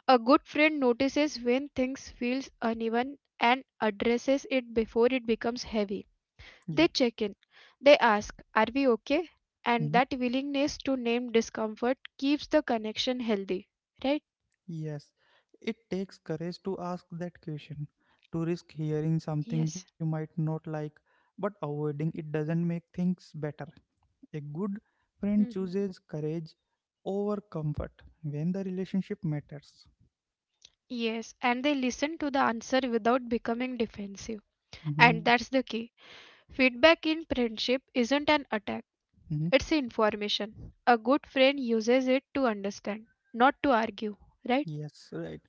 Speaker 2: A good friend notices when things feels uneven and addresses it before it becomes heavy.
Speaker 1: Yeah.
Speaker 2: They check in, they ask, are we okay?
Speaker 1: Mm-hmm.
Speaker 2: And that willingness to name discomfort keeps the connection healthy, right?
Speaker 1: Yes, it takes courage to ask that question, to risk hearing something you
Speaker 2: Yes.
Speaker 1: might not like, but avoiding it doesn't make things better. A good friend
Speaker 2: Mhm.
Speaker 1: chooses courage over comfort when the relationship matters.
Speaker 2: Yes, and they listen to the answer without becoming defensive.
Speaker 1: hmm
Speaker 2: And that's the key. Feedback in friendship isn't an attack,
Speaker 1: hmm
Speaker 2: it's information. A good friend uses it to understand, not to argue, right?
Speaker 1: Yes, right.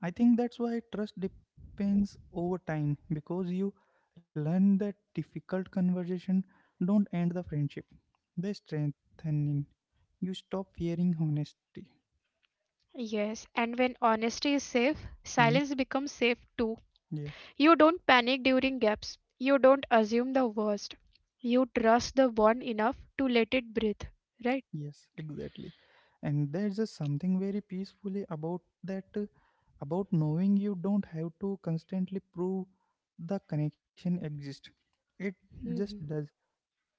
Speaker 1: I think that's why trust depends over time because you learn that difficult conversation don't end the friendship, they strengthen. You stop fearing honesty.
Speaker 2: Yes, and when honesty is safe,
Speaker 1: Mm-hmm.
Speaker 2: silence becomes safe too.
Speaker 1: Yeah,
Speaker 2: You don't panic during gaps. You don't assume the worst. You trust the bond enough to let it breathe, right?
Speaker 1: yes, exactly. And there's just something very peacefully about that, about knowing you don't have to constantly prove the connection exists. It just
Speaker 2: Hmm.
Speaker 1: does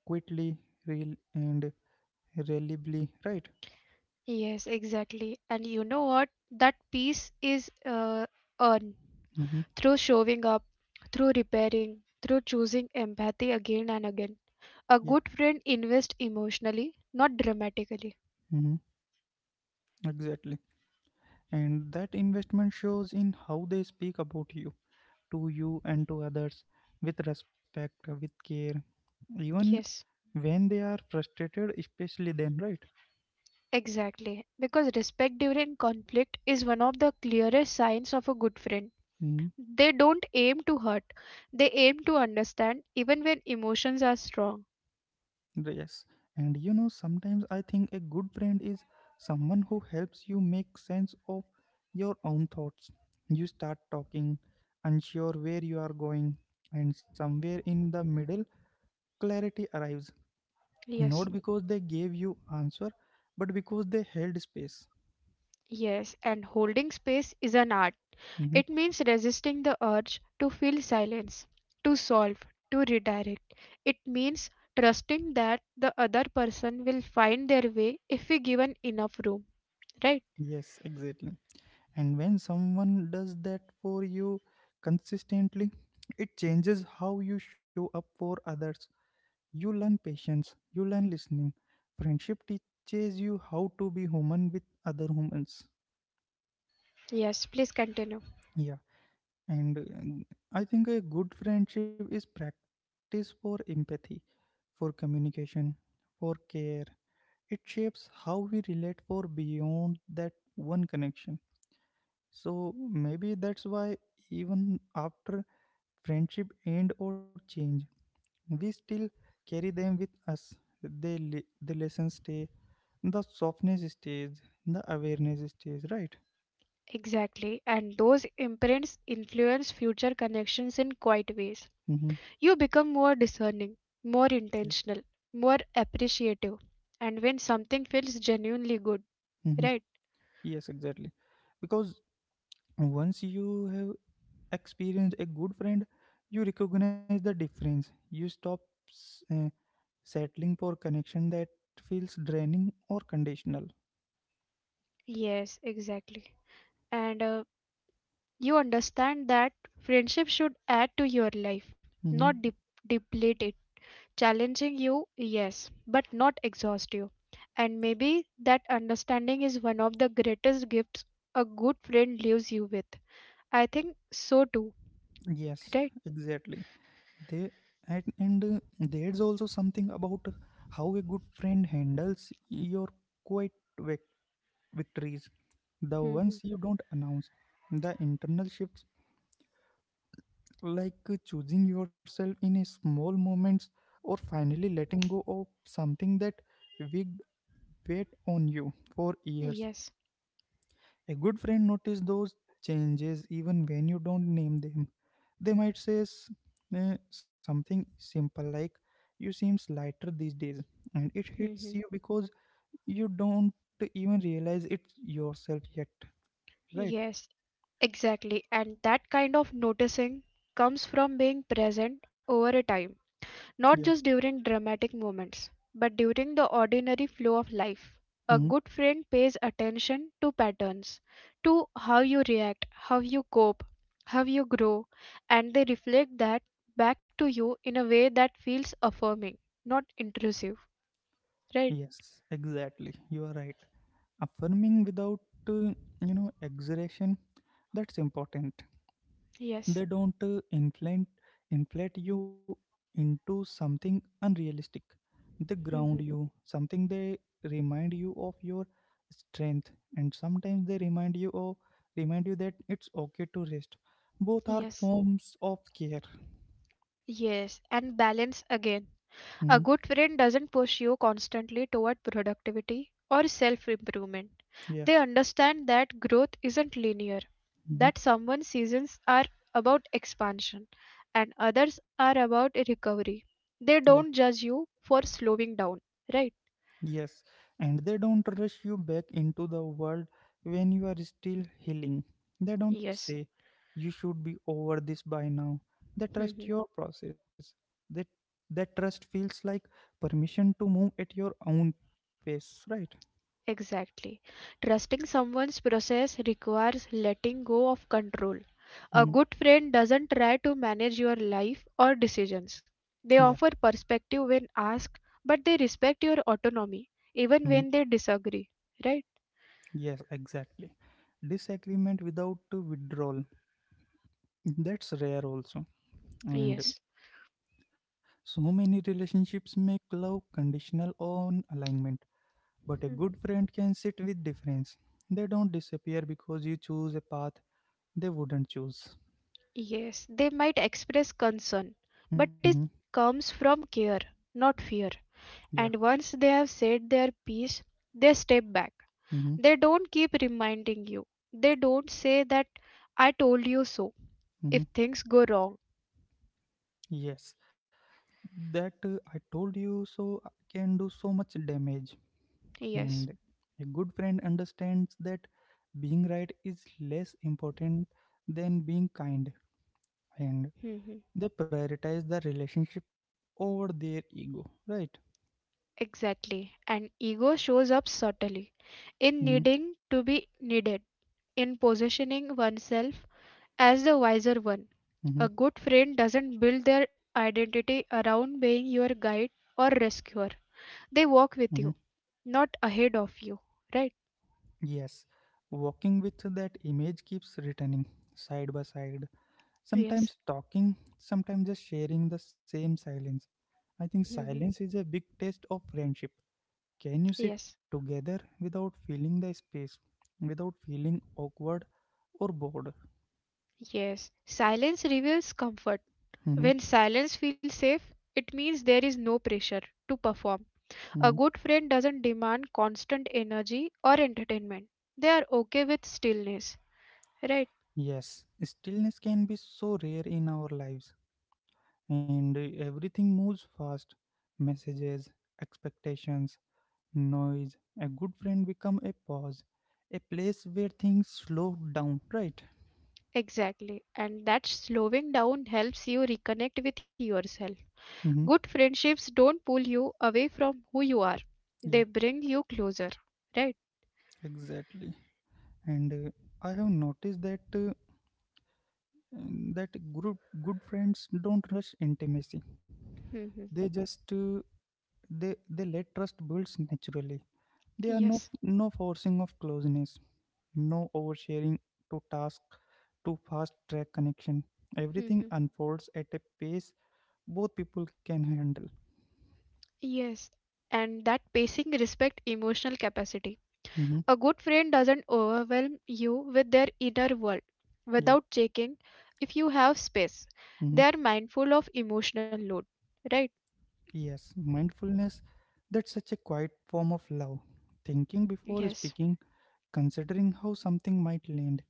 Speaker 1: quickly, real, and reliably, right?
Speaker 2: Yes, exactly. And you know what? That peace is earned
Speaker 1: Mm-hmm.
Speaker 2: through showing up, through repairing, through choosing empathy again and again. A
Speaker 1: Yeah,
Speaker 2: good friend invests emotionally, not dramatically.
Speaker 1: mm-hmm. Exactly. And that investment shows in how they speak about you, to you, and to others with respect, with care, even
Speaker 2: Yes,
Speaker 1: when they are frustrated, especially then, right?
Speaker 2: exactly. Because respect during conflict is one of the clearest signs of a good friend.
Speaker 1: Mm-hmm.
Speaker 2: They don't aim to hurt, they aim to understand even when emotions are strong.
Speaker 1: Yes, and you know, sometimes I think a good friend is someone who helps you make sense of your own thoughts. You start talking, unsure where you are going, and somewhere in the middle, clarity arrives.
Speaker 2: Yes.
Speaker 1: Not because they gave you answer, but because they held space.
Speaker 2: Yes, and holding space is an art.
Speaker 1: Mhm.
Speaker 2: It means resisting the urge to feel silence, to solve, to redirect. It means trusting that the other person will find their way if we given enough room, right?
Speaker 1: Yes, exactly. And when someone does that for you consistently, it changes how you show up for others. You learn patience, you learn listening. Friendship teaches you how to be human with other humans.
Speaker 2: Yes. Please continue.
Speaker 1: Yeah, and I think a good friendship is practice for empathy, for communication, for care. It shapes how we relate for beyond that one connection. So maybe that's why even after friendship end or change, we still carry them with us. They, the lessons stay, the softness stays, the awareness stays, right?
Speaker 2: Exactly, and those imprints influence future connections in quite ways.
Speaker 1: Mm-hmm.
Speaker 2: You become more discerning, more
Speaker 1: Yeah.
Speaker 2: intentional, more appreciative. And when something feels genuinely good,
Speaker 1: Mm-hmm.
Speaker 2: right?
Speaker 1: Yes, exactly, because once you have experienced a good friend, you recognize the difference. You stop s- uh, settling for connection that feels draining or conditional.
Speaker 2: Yes, exactly. And you understand that friendship should add to your life, not
Speaker 1: Mm-hmm.
Speaker 2: deplete it. Challenging you, yes, but not exhaust you. And maybe that understanding is one of the greatest gifts a good friend leaves you with. I think so too,
Speaker 1: Yes,
Speaker 2: right?
Speaker 1: exactly. They And there's also something about how a good friend handles your quiet vic- victories, the
Speaker 2: Hmm.
Speaker 1: ones you don't announce, the internal shifts, like choosing yourself in a small moments, or finally letting go of something that wigged weight on you for years.
Speaker 2: Yes.
Speaker 1: A good friend notices those changes even when you don't name them. They might say something simple like, "You seem lighter these days," and it hits you
Speaker 2: Hmm.
Speaker 1: because you don't even realize it yourself yet, right?
Speaker 2: Yes. Exactly, and that kind of noticing comes from being present over a time,
Speaker 1: Yeah.
Speaker 2: not just during dramatic moments, but during the ordinary flow of life. A
Speaker 1: Hmm.
Speaker 2: good friend pays attention to patterns, to how you react, how you cope, how you grow, and they reflect that back to you in a way that feels affirming, not intrusive. Right?
Speaker 1: Yes, exactly. You are right. Affirming without, uh, exaggeration, that's important. They
Speaker 2: Yes.
Speaker 1: don't inflate you into something unrealistic. They ground
Speaker 2: Hmm.
Speaker 1: you, something they remind you of your strength, and sometimes they remind you that it's okay to rest. Both are
Speaker 2: Yes.
Speaker 1: forms of care.
Speaker 2: Yes. And balance again.
Speaker 1: Hmm.
Speaker 2: A good friend doesn't push you constantly toward productivity or self improvement.
Speaker 1: Yeah.
Speaker 2: They understand that growth isn't linear,
Speaker 1: Hmm.
Speaker 2: that someone's seasons are about expansion and others are about recovery.
Speaker 1: Yeah.
Speaker 2: They don't judge you for slowing down, right?
Speaker 1: Yes, and they don't rush you back into the world when you are still healing. They don't
Speaker 2: Yes.
Speaker 1: say you should be over this by now. They trust your process. That that trust feels like permission to move at your own pace, right?
Speaker 2: Exactly. Trusting someone's process requires letting go of control. A
Speaker 1: Mhm.
Speaker 2: good friend doesn't try to manage your life or decisions.
Speaker 1: Yeah.
Speaker 2: They offer perspective when asked, but they respect your autonomy even
Speaker 1: Mhm.
Speaker 2: when they disagree, right?
Speaker 1: Yes, exactly. Disagreement without withdrawal. That's rare also. And
Speaker 2: Yes.
Speaker 1: so many relationships make love conditional on alignment, but a
Speaker 2: Hmm.
Speaker 1: good friend can sit with difference. They don't disappear because you choose a path they wouldn't choose.
Speaker 2: Yes, they might express concern, but
Speaker 1: Mm-hmm.
Speaker 2: it comes from care, not fear.
Speaker 1: Yeah.
Speaker 2: And once they have said their piece, they step back.
Speaker 1: Mm-hmm.
Speaker 2: They don't keep reminding you. They don't say that I told you so if
Speaker 1: Mm-hmm.
Speaker 2: things go wrong.
Speaker 1: Yes. That I told you so can do so much damage.
Speaker 2: Yes.
Speaker 1: And a good friend understands that being right is less important than being kind. And
Speaker 2: Mhm.
Speaker 1: they prioritize the relationship over their ego. Right?
Speaker 2: Exactly. And ego shows up subtly in
Speaker 1: Mm-hmm.
Speaker 2: needing to be needed, in positioning oneself as the wiser one.
Speaker 1: Mm-hmm.
Speaker 2: A good friend doesn't build their identity around being your guide or rescuer.
Speaker 1: Mm-hmm.
Speaker 2: They walk with you, not ahead of you. Right?
Speaker 1: Yes, walking with that image keeps returning, side by side,
Speaker 2: Yes.
Speaker 1: sometimes talking, sometimes just sharing the same silence. I think
Speaker 2: Mhm.
Speaker 1: silence is a big test of friendship. Can you sit
Speaker 2: Yes.
Speaker 1: together without feeling the space, without feeling awkward or bored?
Speaker 2: Yes. Silence reveals comfort.
Speaker 1: Mhm,
Speaker 2: When silence feels safe, it means there is no pressure to perform. A
Speaker 1: mhm.
Speaker 2: good friend doesn't demand constant energy or entertainment. They are okay with stillness. Right?
Speaker 1: Yes, stillness can be so rare in our lives, and everything moves fast, messages, expectations, noise. A good friend become a pause, a place where things slow down, right?
Speaker 2: Exactly. And that slowing down helps you reconnect with yourself.
Speaker 1: Hmm.
Speaker 2: Good friendships don't pull you away from who you are,
Speaker 1: Yeah,
Speaker 2: they bring you closer. Right?
Speaker 1: exactly. And I have noticed that that group good friends don't rush intimacy.
Speaker 2: Hmm.
Speaker 1: They just they let trust builds naturally. There are
Speaker 2: Yes.
Speaker 1: no forcing of closeness, no oversharing to task, to fast track connection. Everything
Speaker 2: Hmm.
Speaker 1: unfolds at a pace both people can handle.
Speaker 2: Yes. And that pacing respect emotional capacity.
Speaker 1: Hmm.
Speaker 2: A good friend doesn't overwhelm you with their inner world
Speaker 1: Yeah.
Speaker 2: without checking if you have space. They are mindful of emotional load, right?
Speaker 1: Yes, mindfulness, that's such a quiet form of love. Thinking before
Speaker 2: Yes.
Speaker 1: speaking, considering how something might land,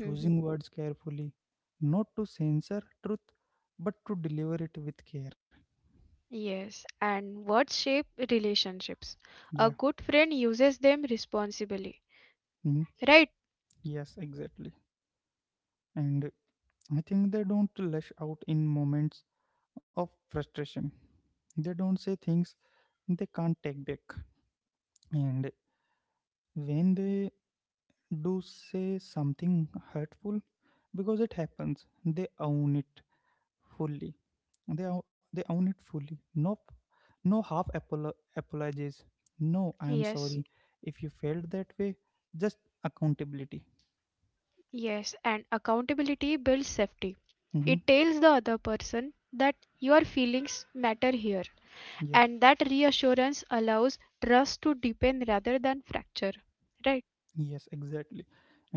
Speaker 2: Mhm.
Speaker 1: words carefully, not to censor truth, but to deliver it with care.
Speaker 2: Yes, and words shape relationships.
Speaker 1: Yeah,
Speaker 2: A good friend uses them responsibly,
Speaker 1: mhm,
Speaker 2: right?
Speaker 1: yes, exactly. And I think they don't lash out in moments of frustration. They don't say things they can't take back. And when they do say something hurtful, because it happens, they own it fully, they own it fully, no no half apologies, no I am
Speaker 2: Yes,
Speaker 1: sorry if you felt that way, just accountability.
Speaker 2: yes, and accountability builds safety.
Speaker 1: Hmm.
Speaker 2: It tells the other person that your feelings matter here.
Speaker 1: Yeah.
Speaker 2: And that reassurance allows trust to deepen rather than fracture, right?
Speaker 1: Yes, exactly.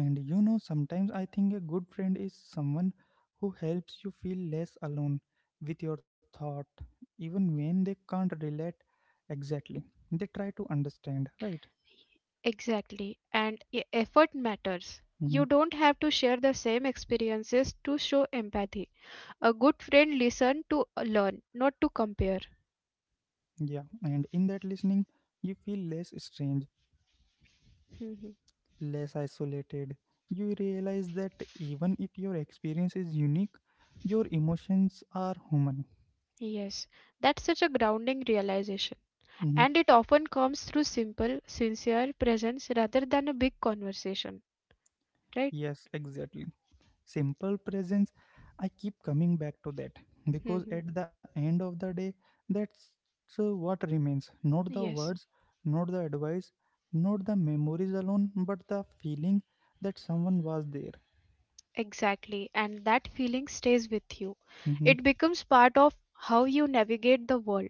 Speaker 1: And you know, sometimes I think a good friend is someone who helps you feel less alone with your thought even when they can't relate. Exactly, they try to understand, right?
Speaker 2: Exactly, and effort matters.
Speaker 1: Hmm.
Speaker 2: You don't have to share the same experiences to show empathy. A good friend listens to learn, not to compare.
Speaker 1: Yeah, and in that listening, you feel less strange,
Speaker 2: Mhm.
Speaker 1: less isolated. You realize that even if your experience is unique, your emotions are human.
Speaker 2: Yes, that's such a grounding realization,
Speaker 1: Hmm.
Speaker 2: and it often comes through simple sincere presence rather than a big conversation, right?
Speaker 1: Yes, exactly. Simple presence, I keep coming back to that because
Speaker 2: Mhm.
Speaker 1: at the end of the day, that's what remains, not the
Speaker 2: Yes.
Speaker 1: words, not the advice, not the memories alone, but the feeling that someone was there.
Speaker 2: Exactly, and that feeling stays with you.
Speaker 1: Mm-hmm.
Speaker 2: It becomes part of how you navigate the world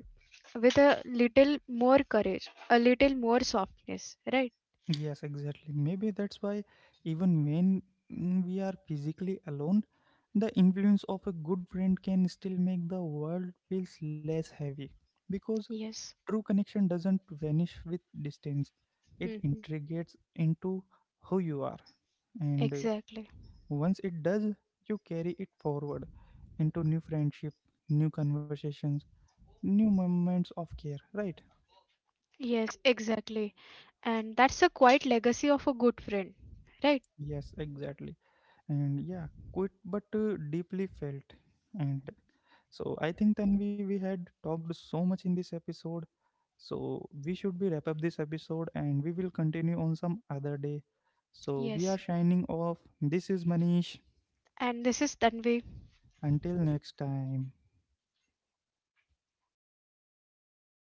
Speaker 2: with a little more courage, a little more softness, right?
Speaker 1: Yes, exactly. Maybe that's why, even when we are physically alone, the influence of a good friend can still make the world feels less heavy because
Speaker 2: Yes.
Speaker 1: true connection doesn't vanish with distance. It
Speaker 2: Hmm.
Speaker 1: integrates into who you are. And
Speaker 2: Exactly.
Speaker 1: once it does, you carry it forward into new friendship, new conversations, new moments of care, right?
Speaker 2: Yes, exactly. And that's a quiet legacy of a good friend, right?
Speaker 1: Yes, exactly. And yeah, quite but deeply felt. And so I think then we had talked so much in this episode, so we should be wrap up this episode and we will continue on some other day. So we are
Speaker 2: Yes.
Speaker 1: shining off, this is Manish.
Speaker 2: And this is Tanvi.
Speaker 1: Until next time.